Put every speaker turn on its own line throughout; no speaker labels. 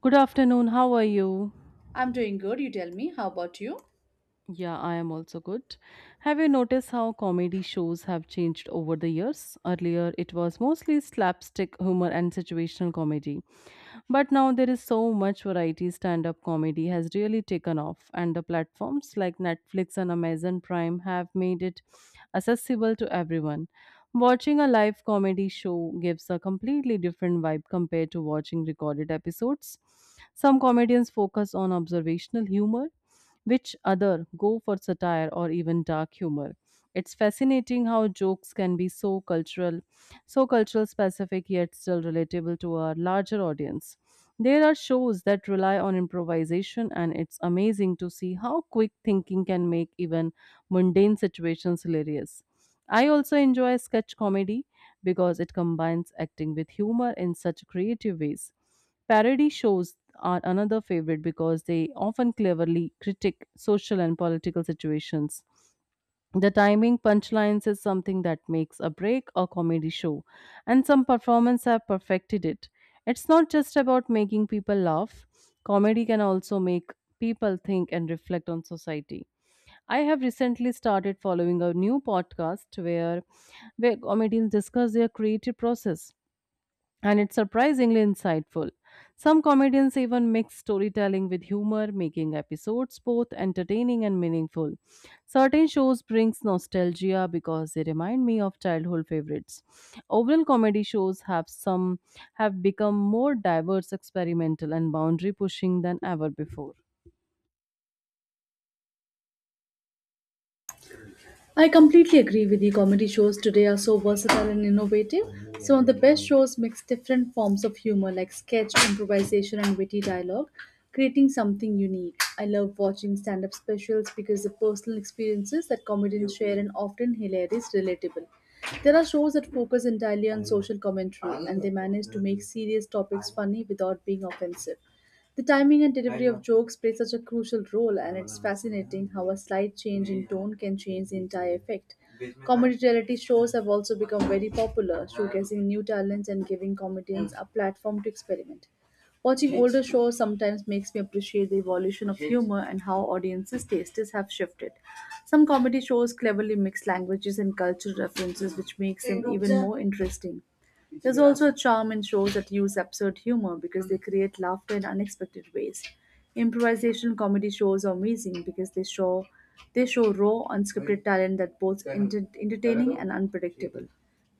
Good afternoon, how are you?
I'm doing good, you tell me. How about you?
Yeah, I am also good. Have you noticed how comedy shows have changed over the years? Earlier, it was mostly slapstick humor and situational comedy. But now there is so much variety. Stand up comedy has really taken off, and the platforms like Netflix and Amazon Prime have made it accessible to everyone. Watching a live comedy show gives a completely different vibe compared to watching recorded episodes. Some comedians focus on observational humor which other go for satire or even dark humor. It's fascinating how jokes can be so cultural specific yet still relatable to our larger audience. There are shows that rely on improvisation, and it's amazing to see how quick thinking can make even mundane situations hilarious. I also enjoy sketch comedy, because it combines acting with humor in such creative ways. Parody shows are another favorite because they often cleverly critique social and political situations. The timing punchlines is something that makes a break a comedy show, and some performers have perfected it. It's not just about making people laugh, comedy can also make people think and reflect on society. I have recently started following a new podcast where comedians discuss their creative process, and it's surprisingly insightful. Some comedians even mix storytelling with humor, making episodes both entertaining and meaningful. Certain shows brings nostalgia because they remind me of childhood favorites. Overall comedy shows have become more diverse, experimental and boundary pushing than ever before.
I completely agree with you. Comedy shows today are so versatile and innovative. Some of the best shows mix different forms of humor like sketch, improvisation, and witty dialogue, creating something unique. I love watching stand up specials because the personal experiences that comedians share and often hilarious, relatable. There are shows that focus entirely on social commentary and they manage to make serious topics funny without being offensive. The timing and delivery of jokes play such a crucial role, and it's fascinating how a slight change in tone can change the entire effect. Comedy reality shows have also become very popular, showcasing new talents and giving comedians a platform to experiment. Watching older shows sometimes makes me appreciate the evolution of humor and how audiences' tastes have shifted. Some comedy shows cleverly mix languages and cultural references, which makes them even more interesting. There's also a charm in shows that use absurd humor because they create laughter in unexpected ways. Improvisational comedy shows are amazing because they show raw, unscripted talent that both entertaining and unpredictable.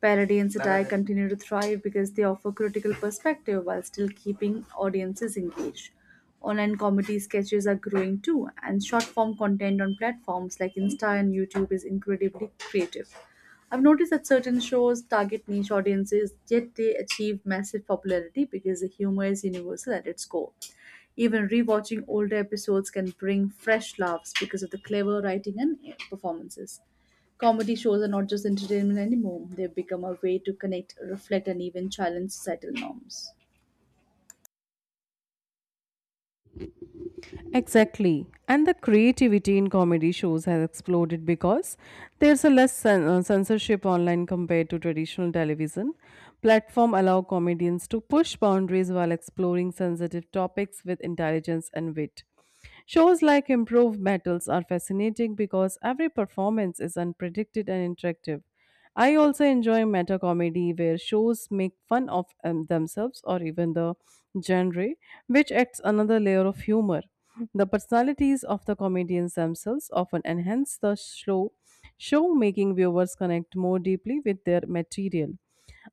Parody and satire continue to thrive because they offer critical perspective while still keeping audiences engaged. Online comedy sketches are growing too, and short form content on platforms like Insta and YouTube is incredibly creative. I've noticed that certain shows target niche audiences, yet they achieve massive popularity because the humor is universal at its core. Even rewatching older episodes can bring fresh laughs because of the clever writing and performances. Comedy shows are not just entertainment anymore, they've become a way to connect, reflect, and even challenge societal norms.
Exactly. And the creativity in comedy shows has exploded because there's a less censorship online compared to traditional television. Platform allow comedians to push boundaries while exploring sensitive topics with intelligence and wit. Shows like Improve Battles are fascinating because every performance is unpredicted and interactive. I also enjoy meta comedy where shows make fun of themselves or even the genre, which adds another layer of humor. The personalities of the comedians themselves often enhance the show, making viewers connect more deeply with their material.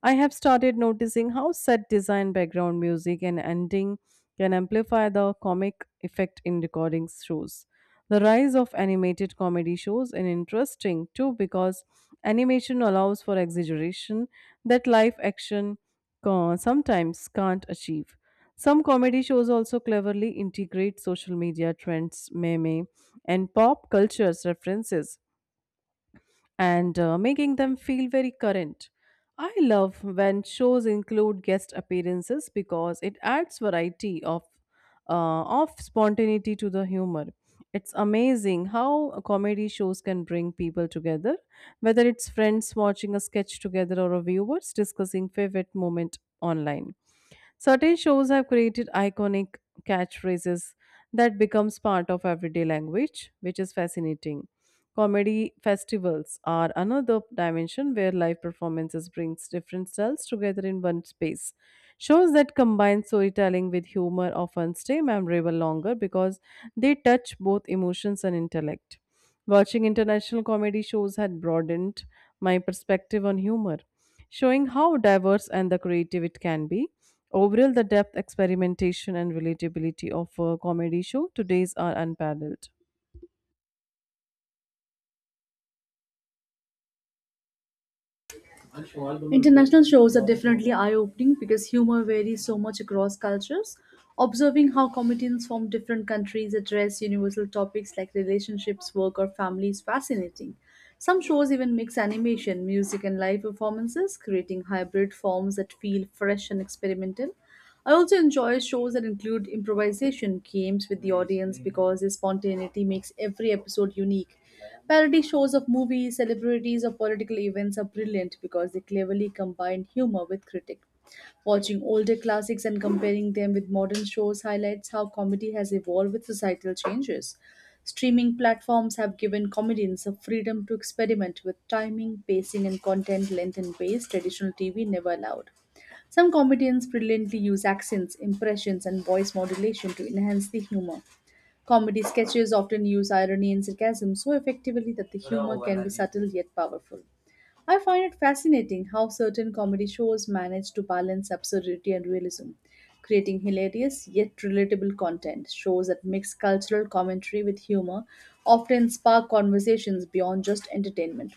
I have started noticing how set design, background music, and ending can amplify the comic effect in recording shows. The rise of animated comedy shows is interesting too because animation allows for exaggeration that live action sometimes can't achieve. Some comedy shows also cleverly integrate social media trends, meme, and pop culture's references and making them feel very current. I love when shows include guest appearances because it adds variety of spontaneity to the humor. It's amazing how comedy shows can bring people together, whether it's friends watching a sketch together or a viewers discussing favorite moment online. Certain shows have created iconic catchphrases that becomes part of everyday language, which is fascinating. Comedy festivals are another dimension where live performances brings different styles together in one space. Shows that combine storytelling with humor often stay memorable longer because they touch both emotions and intellect. Watching international comedy shows had broadened my perspective on humor, showing how diverse and the creative it can be. Overall, the depth, experimentation, and relatability of a comedy show today's are unparalleled.
International shows are definitely eye opening because humor varies so much across cultures. Observing how comedians from different countries address universal topics like relationships, work, or family is fascinating. Some shows even mix animation, music, and live performances, creating hybrid forms that feel fresh and experimental. I also enjoy shows that include improvisation games with the audience because the spontaneity makes every episode unique. Parody shows of movies, celebrities, or political events are brilliant because they cleverly combine humor with critique. Watching older classics and comparing them with modern shows highlights how comedy has evolved with societal changes. Streaming platforms have given comedians a freedom to experiment with timing, pacing, and content length and pace traditional TV never allowed. Some comedians brilliantly use accents, impressions, and voice modulation to enhance the humor. Comedy sketches often use irony and sarcasm so effectively that the humor can be subtle yet powerful. I find it fascinating how certain comedy shows manage to balance absurdity and realism, creating hilarious yet relatable content. Shows that mix cultural commentary with humor often spark conversations beyond just entertainment.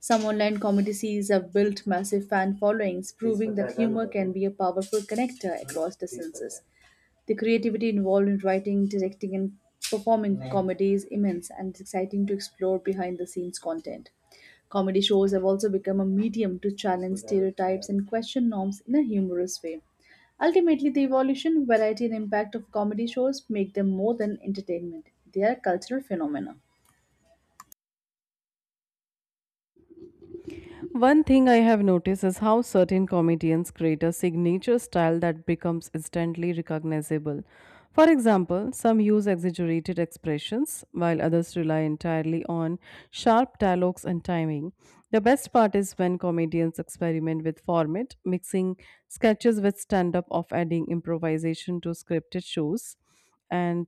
Some online comedy series have built massive fan followings, proving that humor can be a powerful connector across distances. The creativity involved in writing, directing, and performing comedy is immense and it's exciting to explore behind the scenes content. Comedy shows have also become a medium to challenge stereotypes and question norms in a humorous way. Ultimately, the evolution, variety, and impact of comedy shows make them more than entertainment, they are cultural phenomena.
One thing I have noticed is how certain comedians create a signature style that becomes instantly recognizable. For example, some use exaggerated expressions, while others rely entirely on sharp dialogues and timing. The best part is when comedians experiment with format, mixing sketches with stand up, of adding improvisation to scripted shows. And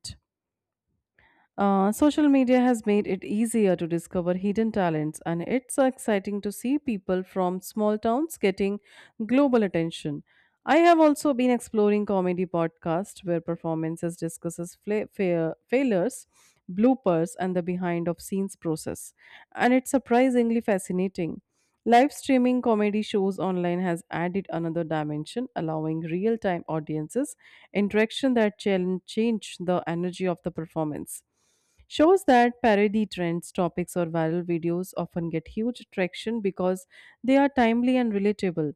Social media has made it easier to discover hidden talents, and it's exciting to see people from small towns getting global attention. I have also been exploring comedy podcasts where performances discusses failures, bloopers, and the behind of scenes process, and it's surprisingly fascinating. Live streaming comedy shows online has added another dimension, allowing real time audiences interaction that challenge change the energy of the performance. Shows that parody trends, topics, or viral videos often get huge traction because they are timely and relatable.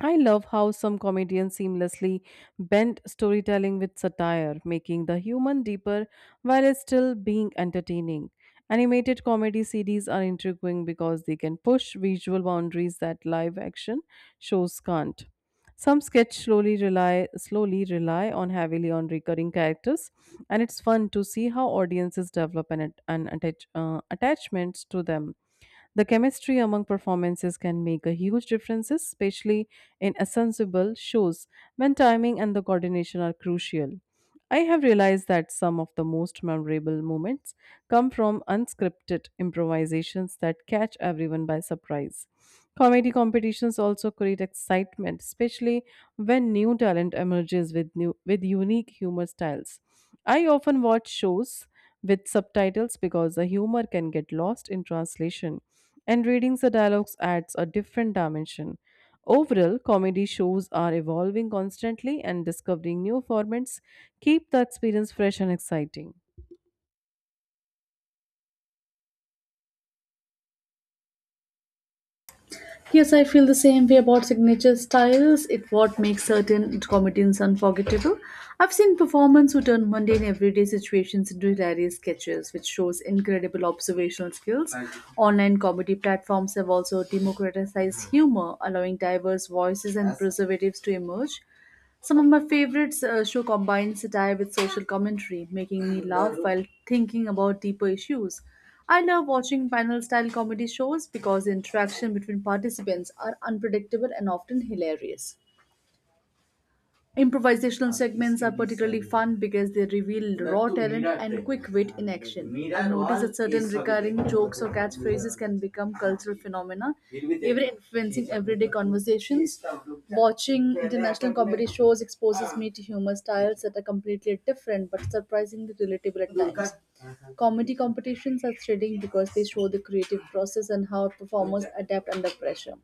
I love how some comedians seamlessly bend storytelling with satire, making the human deeper while it's still being entertaining. Animated comedy series are intriguing because they can push visual boundaries that live action shows can't. Some sketch slowly rely on heavily on recurring characters, and it's fun to see how audiences develop an attachments to them. The chemistry among performances can make a huge difference, especially in ensemble shows when timing and the coordination are crucial. I have realized that some of the most memorable moments come from unscripted improvisations that catch everyone by surprise. Comedy competitions also create excitement, especially when new talent emerges with unique humor styles. I often watch shows with subtitles because the humor can get lost in translation, and reading the dialogues adds a different dimension. Overall, comedy shows are evolving constantly, and discovering new formats keep the experience fresh and exciting.
Yes, I feel the same way about signature styles. It what makes certain comedians unforgettable. I've seen performers who turn mundane everyday situations into hilarious sketches, which shows incredible observational skills. Online comedy platforms have also democratized humor, allowing diverse voices and preservatives to emerge. Some of my favorites show combine satire with social commentary, making me laugh while thinking about deeper issues. I love watching panel style comedy shows because the interaction between participants are unpredictable and often hilarious. Improvisational segments are particularly fun because they reveal raw talent and quick wit in action. I've noticed that certain recurring jokes or catchphrases can become cultural phenomena, even influencing everyday conversations. Watching international comedy shows exposes me to humor styles that are completely different but surprisingly relatable at times. Comedy competitions are thrilling because they show the creative process and how performers adapt under pressure.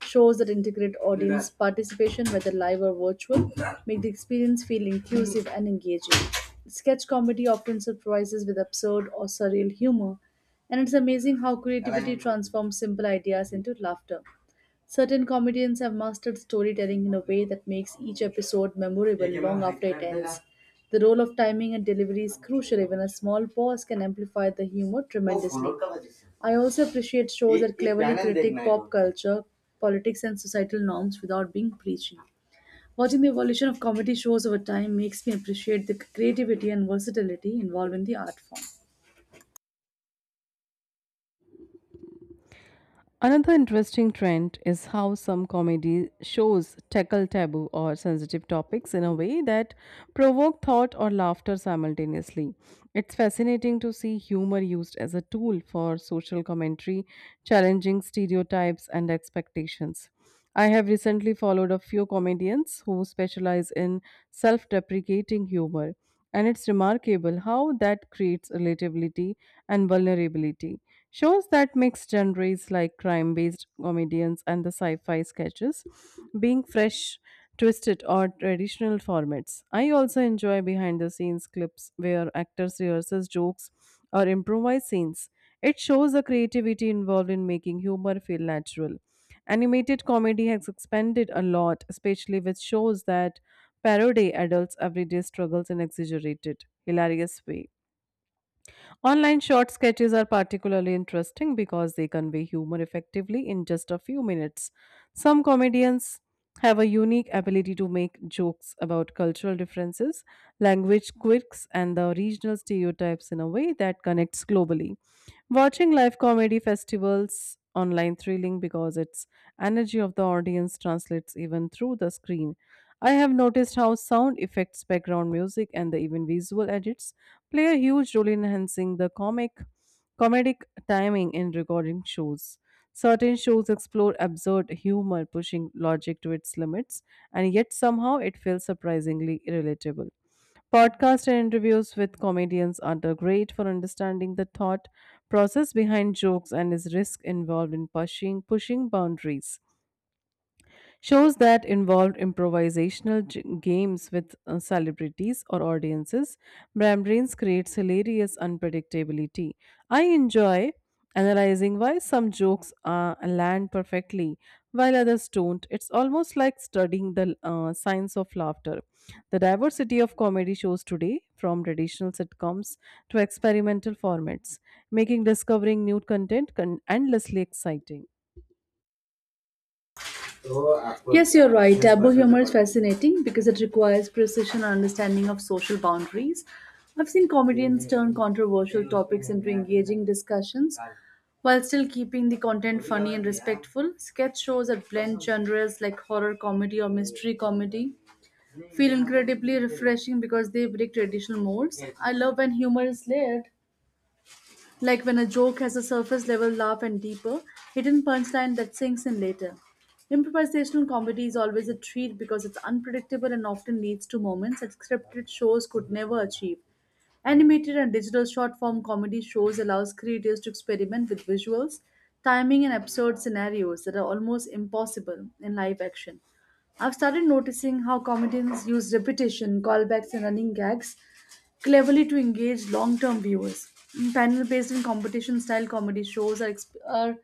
Shows that integrate audience participation, whether live or virtual, make the experience feel inclusive and engaging. Sketch comedy often surprises with absurd or surreal humor, and it's amazing how creativity transforms simple ideas into laughter. Certain comedians have mastered storytelling in a way that makes each episode memorable long after it ends. The role of timing and delivery is crucial, even a small pause can amplify the humor tremendously. I also appreciate shows that cleverly critique pop culture, politics, and societal norms without being preachy. Watching the evolution of comedy shows over time makes me appreciate the creativity and versatility involved in the art form.
Another interesting trend is how some comedy shows tackle taboo or sensitive topics in a way that provoke thought or laughter simultaneously. It's fascinating to see humor used as a tool for social commentary, challenging stereotypes and expectations. I have recently followed a few comedians who specialize in self deprecating humor, and it's remarkable how that creates relatability and vulnerability. Shows that mix genres like crime based comedians and the sci fi sketches being fresh, twisted, or traditional formats. I also enjoy behind the scenes clips where actors rehearse jokes or improvise scenes. It shows the creativity involved in making humor feel natural. Animated comedy has expanded a lot, especially with shows that parody adults' everyday struggles in exaggerated, hilarious way. Online short sketches are particularly interesting because they convey humor effectively in just a few minutes. Some comedians have a unique ability to make jokes about cultural differences language quirks, and the regional stereotypes in a way that connects globally. Watching live comedy festivals online thrilling because its energy of the audience translates even through the screen. I have noticed how sound effects, background music, and the even visual edits play a huge role in enhancing the comic comedic timing in recording shows. Certain shows explore absurd humor, pushing logic to its limits, and yet somehow it feels surprisingly relatable. Podcasts and interviews with comedians are the great for understanding the thought process behind jokes and is risk involved in pushing boundaries. Shows that involved improvisational games with celebrities or audiences, Brambrains creates hilarious unpredictability. I enjoy analyzing why some jokes land perfectly while others don't. It's almost like studying the science of laughter. The diversity of comedy shows today, from traditional sitcoms to experimental formats, making discovering new content endlessly exciting.
Yes, you're right. Taboo humor is fascinating because it requires precision and understanding of social boundaries. I've seen comedians turn controversial topics into engaging discussions while still keeping the content funny and respectful. Sketch shows that blend genres like horror comedy or mystery comedy feel incredibly refreshing because they break traditional modes. I love when humor is layered. Like when a joke has a surface level laugh and deeper, hidden punchline that sinks in later. Improvisational comedy is always a treat because it's unpredictable and often leads to moments that scripted shows could never achieve. Animated and digital short form comedy shows allows creators to experiment with visuals, timing and absurd scenarios that are almost impossible in live action. I've started noticing how comedians use repetition, callbacks, and running gags cleverly to engage long term viewers. Panel based and competition style comedy shows are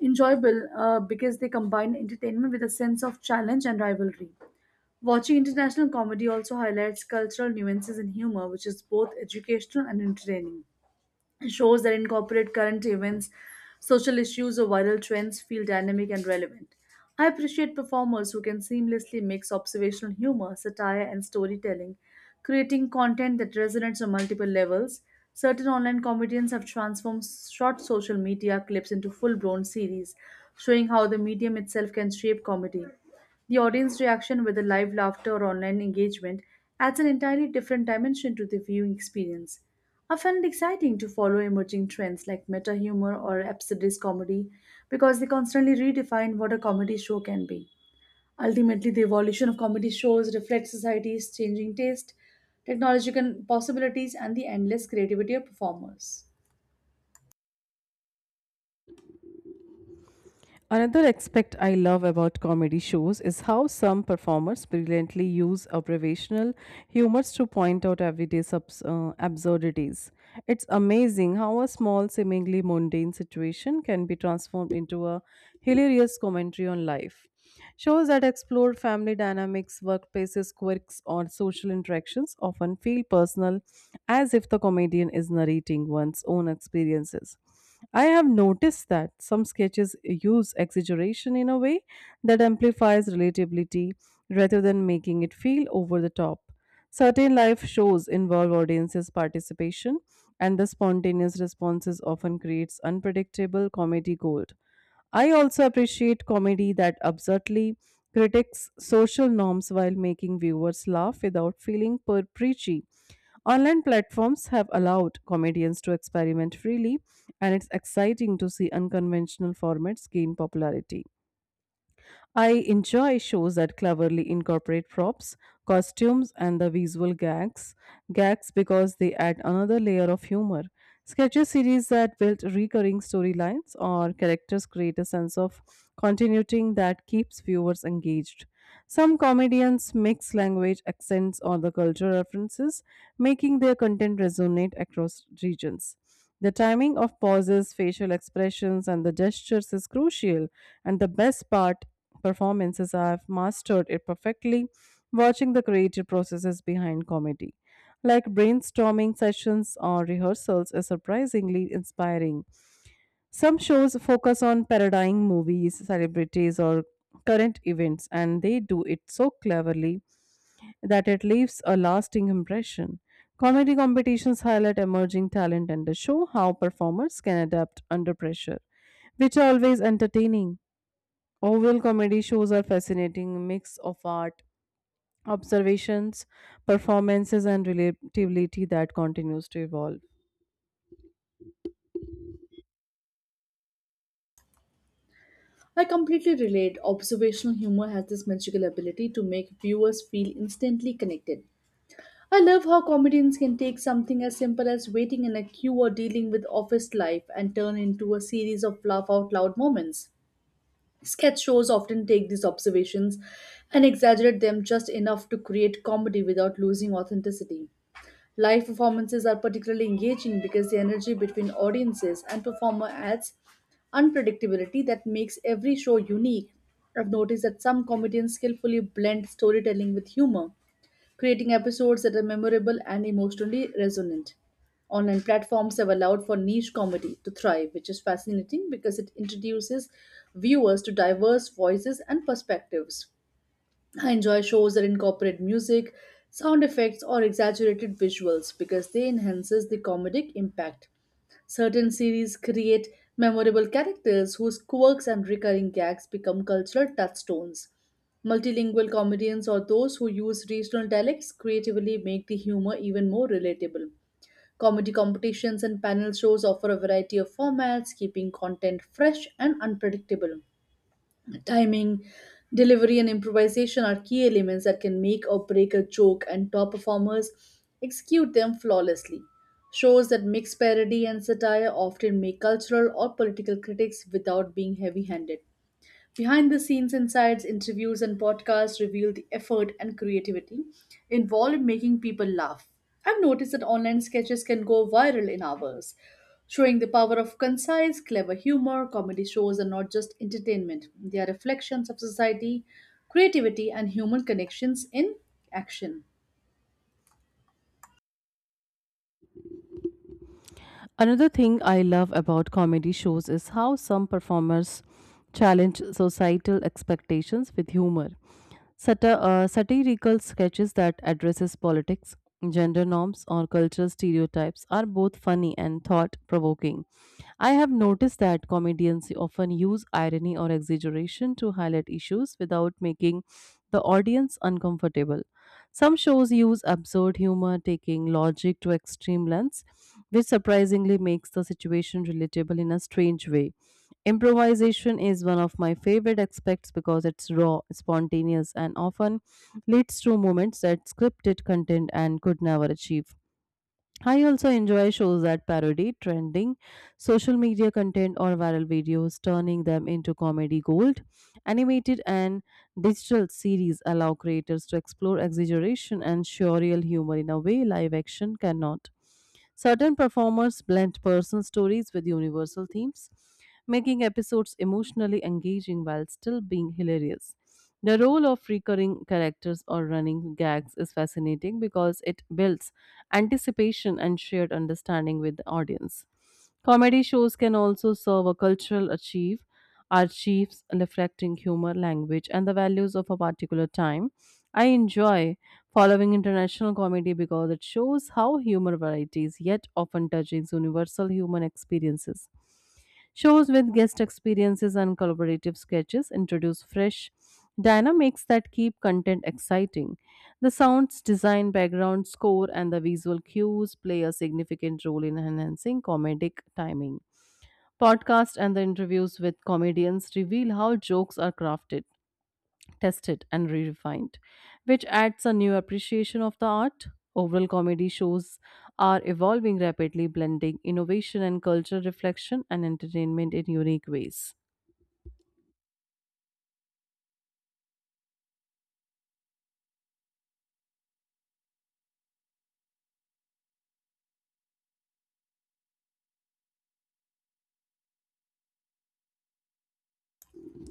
enjoyable because they combine entertainment with a sense of challenge and rivalry. Watching international comedy also highlights cultural nuances in humor, which is both educational and entertaining shows that incorporate current events, social issues, or viral trends feel dynamic and relevant. I appreciate performers who can seamlessly mix observational humor, satire, and storytelling, creating content that resonates on multiple levels. Certain online comedians have transformed short social media clips into full blown series, showing how the medium itself can shape comedy. The audience reaction, whether live laughter or online engagement, adds an entirely different dimension to the viewing experience. I find it exciting to follow emerging trends like meta humor or absurdist comedy because they constantly redefine what a comedy show can be. Ultimately, the evolution of comedy shows reflects society's changing taste, technological possibilities, and the endless creativity of performers.
Another aspect I love about comedy shows is how some performers brilliantly use observational humors to point out everyday absurdities. It's amazing how a small, seemingly mundane situation can be transformed into a hilarious commentary on life. Shows that explore family dynamics, workplaces, quirks, or social interactions often feel personal, as if the comedian is narrating one's own experiences. I have noticed that some sketches use exaggeration in a way that amplifies relatability rather than making it feel over the top. Certain live shows involve audiences' participation, and the spontaneous responses often creates unpredictable comedy gold. I also appreciate comedy that absurdly critiques social norms while making viewers laugh without feeling per preachy. Online platforms have allowed comedians to experiment freely, and it's exciting to see unconventional formats gain popularity. I enjoy shows that cleverly incorporate props, costumes, and the visual gags because they add another layer of humor. Sketches series that build recurring storylines or characters create a sense of continuity that keeps viewers engaged. Some comedians mix language, accents, or the cultural references, making their content resonate across regions. The timing of pauses, facial expressions, and the gestures is crucial. And the best part, performances, I have mastered it perfectly, watching the creative processes behind comedy. Like brainstorming sessions or rehearsals is surprisingly inspiring. Some shows focus on parodying movies, celebrities, or current events, and they do it so cleverly that it leaves a lasting impression. Comedy competitions highlight emerging talent and show how performers can adapt under pressure, which are always entertaining. Oval comedy shows are fascinating mix of art, observations, performances, and relatability that continues to evolve.
I completely relate. Observational humor has this magical ability to make viewers feel instantly connected, I love how comedians can take something as simple as waiting in a queue or dealing with office life and turn into a series of laugh out loud moments. Sketch shows often take these observations and exaggerate them just enough to create comedy without losing authenticity. Live performances are particularly engaging because the energy between audiences and performer adds unpredictability that makes every show unique. I've noticed that some comedians skillfully blend storytelling with humor creating episodes that are memorable and emotionally resonant. Online platforms have allowed for niche comedy to thrive, which is fascinating because it introduces viewers to diverse voices and perspectives. I enjoy shows that incorporate music, sound effects, or exaggerated visuals because they enhances the comedic impact. Certain series create memorable characters whose quirks and recurring gags become cultural touchstones. Multilingual comedians or those who use regional dialects creatively make the humor even more relatable. Comedy competitions and panel shows offer a variety of formats, keeping content fresh and unpredictable. Timing, delivery, and improvisation are key elements that can make or break a joke, and top performers execute them flawlessly. Shows that mix parody and satire often make cultural or political critics without being heavy handed. Behind the scenes insights, interviews, and podcasts reveal the effort and creativity involved in making people laugh. I've noticed that online sketches can go viral in hours, showing the power of concise, clever humor. Comedy shows are not just entertainment, they are reflections of society, creativity, and human connections in action.
Another thing I love about comedy shows is how some performers challenge societal expectations with humor. Satirical sketches that addresses politics, gender norms, or cultural stereotypes are both funny and thought-provoking. I have noticed that comedians often use irony or exaggeration to highlight issues without making the audience uncomfortable. Some shows use absurd humor, taking logic to extreme lengths, which surprisingly makes the situation relatable in a strange way. Improvisation is one of my favorite aspects because it's raw, spontaneous, and often leads to moments that scripted content and could never achieve. I also enjoy shows that parody trending social media content or viral videos, turning them into comedy gold. Animated and digital series allow creators to explore exaggeration and surreal humor in a way live action cannot. Certain performers blend personal stories with universal themes, making episodes emotionally engaging while still being hilarious. The role of recurring characters or running gags is fascinating because it builds anticipation, and shared understanding with the audience. Comedy shows can also serve a cultural achieve, archives reflecting humor, language, and the values of a particular time. I enjoy following international comedy because it shows how humor varieties yet often touches universal human experiences. Shows with guest experiences and collaborative sketches introduce fresh dynamics that keep content exciting. The sounds, design, background score, and the visual cues play a significant role in enhancing comedic timing. Podcasts and the interviews with comedians reveal how jokes are crafted tested and re-refined, which adds a new appreciation of the art. Overall comedy shows are evolving rapidly, blending innovation and cultural reflection and entertainment in unique ways.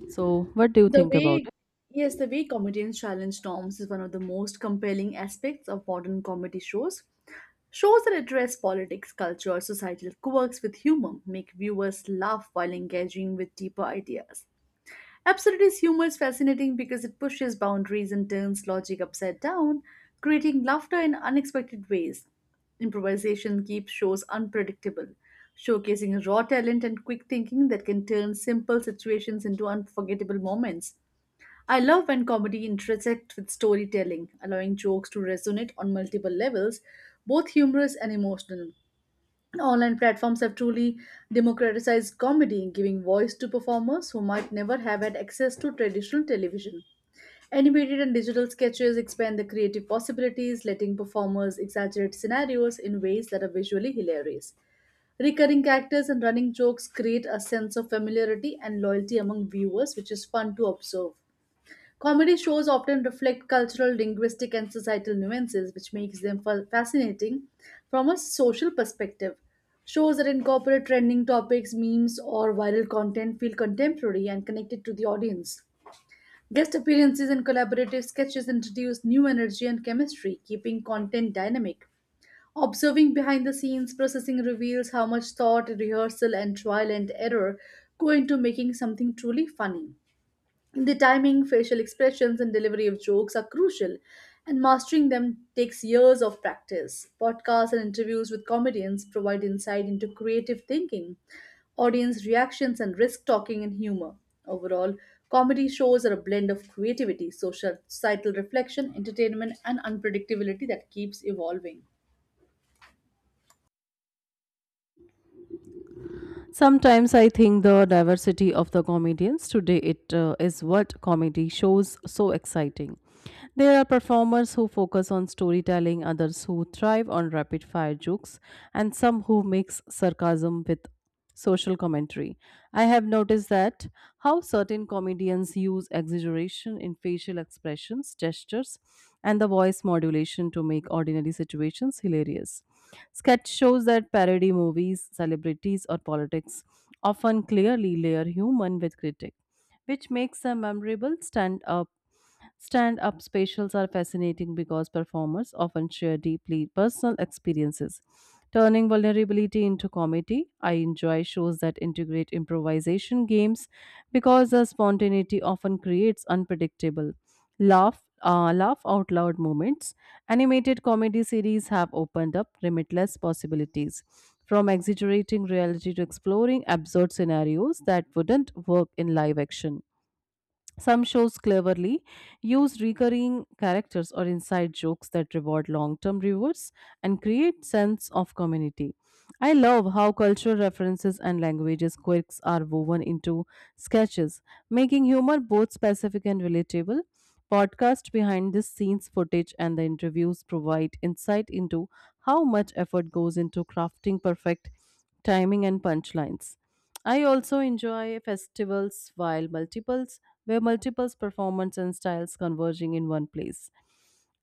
So, what do you
The
think about
way,
it?
yes, the way comedians challenge norms is one of the most compelling aspects of modern comedy shows. Shows that address politics, culture, or societal quirks with humor make viewers laugh while engaging with deeper ideas. Absurdist humor is fascinating because it pushes boundaries and turns logic upside down, creating laughter in unexpected ways. Improvisation keeps shows unpredictable, showcasing raw talent and quick thinking that can turn simple situations into unforgettable moments. I love when comedy intersects with storytelling, allowing jokes to resonate on multiple levels, both humorous and emotional. Online platforms have truly democratized comedy, giving voice to performers who might never have had access to traditional television. Animated and digital sketches expand the creative possibilities, letting performers exaggerate scenarios in ways that are visually hilarious. Recurring characters and running jokes create a sense of familiarity and loyalty among viewers, which is fun to observe. Comedy shows often reflect cultural, linguistic, and societal nuances, which makes them fascinating from a social perspective. Shows that incorporate trending topics, memes, or viral content feel contemporary and connected to the audience. Guest appearances and collaborative sketches introduce new energy and chemistry, keeping content dynamic. Observing behind the scenes processing reveals how much thought, rehearsal, and trial and error go into making something truly funny. The timing, facial expressions, and delivery of jokes are crucial, and mastering them takes years of practice. Podcasts and interviews with comedians provide insight into creative thinking, audience reactions, and risk talking and humor. Overall, comedy shows are a blend of creativity, social, societal reflection, entertainment, and unpredictability that keeps evolving.
Sometimes I think the diversity of the comedians today it is what comedy shows so exciting. There are performers who focus on storytelling, others who thrive on rapid fire jokes, and some who mix sarcasm with social commentary. I have noticed that how certain comedians use exaggeration in facial expressions, gestures, and the voice modulation to make ordinary situations hilarious. Sketch shows that parody movies, celebrities, or politics often clearly layer human with critique, which makes them memorable stand up Stand up specials are fascinating because performers often share deeply personal experiences, turning vulnerability into comedy. I enjoy shows that integrate improvisation games because the spontaneity often creates unpredictable laugh out loud moments. Animated comedy series have opened up limitless possibilities, from exaggerating reality to exploring absurd scenarios that wouldn't work in live action. Some shows cleverly use recurring characters or inside jokes that reward long-term viewers and create sense of community. I love how cultural references and languages quirks are woven into sketches, making humor both specific and relatable. Podcast behind the scenes footage and the interviews provide insight into how much effort goes into crafting perfect timing and punchlines. I also enjoy festivals while multiples, where multiples performance and styles converging in one place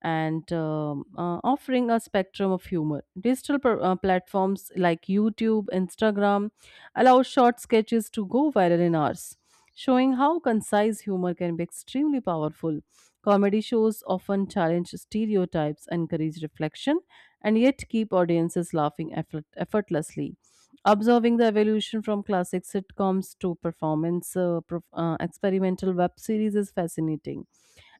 and offering a spectrum of humor. Platforms like YouTube, Instagram allow short sketches to go viral in hours showing how concise humor can be extremely powerful. Comedy shows often challenge stereotypes, encourage reflection, and yet keep audiences laughing effortlessly. Observing the evolution from classic sitcoms to experimental web series is fascinating,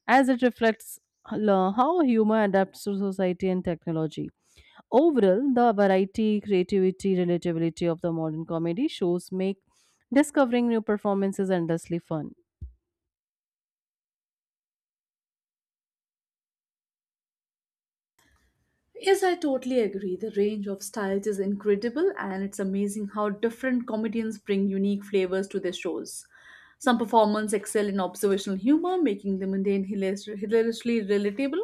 as it reflects how humor adapts to society and technology. Overall, the variety, creativity, relatability of the modern comedy shows make discovering new performances endlessly fun.
Yes, I totally agree. The range of styles is incredible, and it's amazing how different comedians bring unique flavors to their shows. Some performers excel in observational humor, making the mundane hilariously relatable,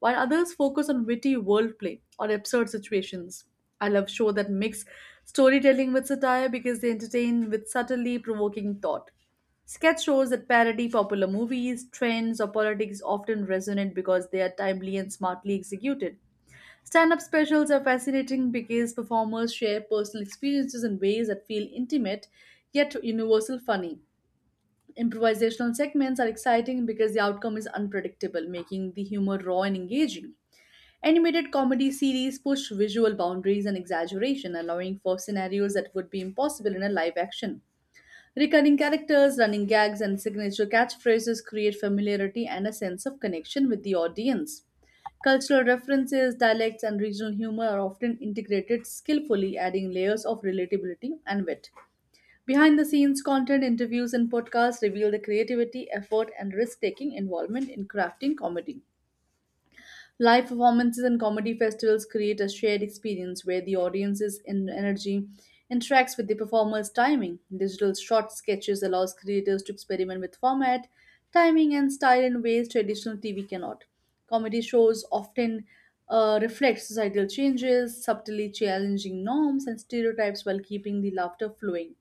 while others focus on witty wordplay or absurd situations. I love shows that mix storytelling with satire because they entertain with subtly provoking thought. Sketch shows that parody popular movies, trends, or politics often resonate because they are timely and smartly executed. Stand up specials are fascinating because performers share personal experiences in ways that feel intimate yet universal funny. Improvisational segments are exciting because the outcome is unpredictable, making the humor raw and engaging. Animated comedy series push visual boundaries and exaggeration, allowing for scenarios that would be impossible in a live action. Recurring characters, running gags, and signature catchphrases create familiarity and a sense of connection with the audience. Cultural references, dialects, and regional humor are often integrated skillfully, adding layers of relatability and wit. Behind the scenes content, interviews, and podcasts reveal the creativity, effort, and risk taking involvement in crafting comedy. Live performances and comedy festivals create a shared experience where the audience's energy interacts with the performer's timing. Digital short sketches allows creators to experiment with format, timing, and style in ways traditional TV cannot. Comedy shows often reflect societal changes, subtly challenging norms and stereotypes while keeping the laughter flowing.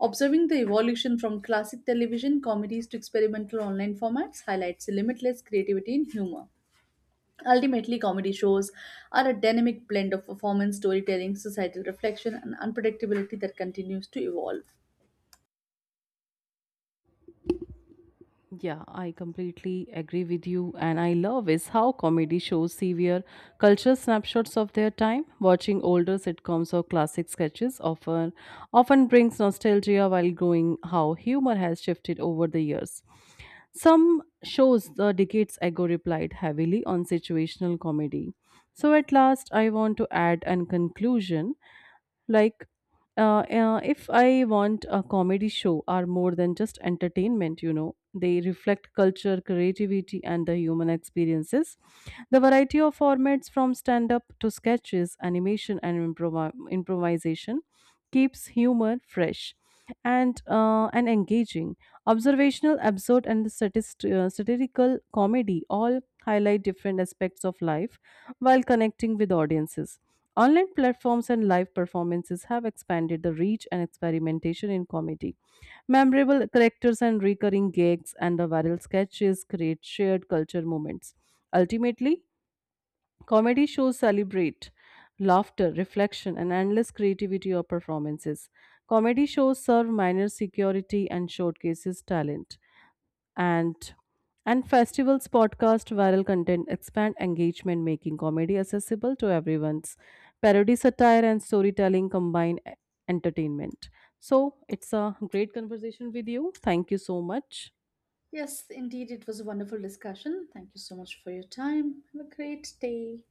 Observing the evolution from classic television comedies to experimental online formats highlights limitless creativity in humor. Ultimately, comedy shows are a dynamic blend of performance, storytelling, societal reflection, and unpredictability that continues to evolve.
Yeah, I completely agree with you, and I love is how comedy shows severe cultural snapshots of their time. Watching older sitcoms or classic sketches often brings nostalgia while growing how humor has shifted over the years. Some shows the decades ago replied heavily on situational comedy. So at last, I want to add an conclusion like if I want a comedy show are more than just entertainment you know they reflect culture creativity and the human experiences the variety of formats from stand up to sketches animation and improvisation keeps humor fresh and engaging observational absurd and the satirical comedy all highlight different aspects of life while connecting with audiences. Online platforms and live performances have expanded the reach and experimentation in comedy. Memorable characters and recurring gags and the viral sketches create shared culture moments. Ultimately, comedy shows celebrate laughter, reflection, and endless creativity of performances. Comedy shows serve minor security and showcases talent and and festivals podcast viral content expand engagement making comedy accessible to everyone's parody satire and storytelling combine entertainment so it's a great conversation with you thank you so much
Yes, indeed, it was a wonderful discussion. Thank you so much for your time. Have a great day.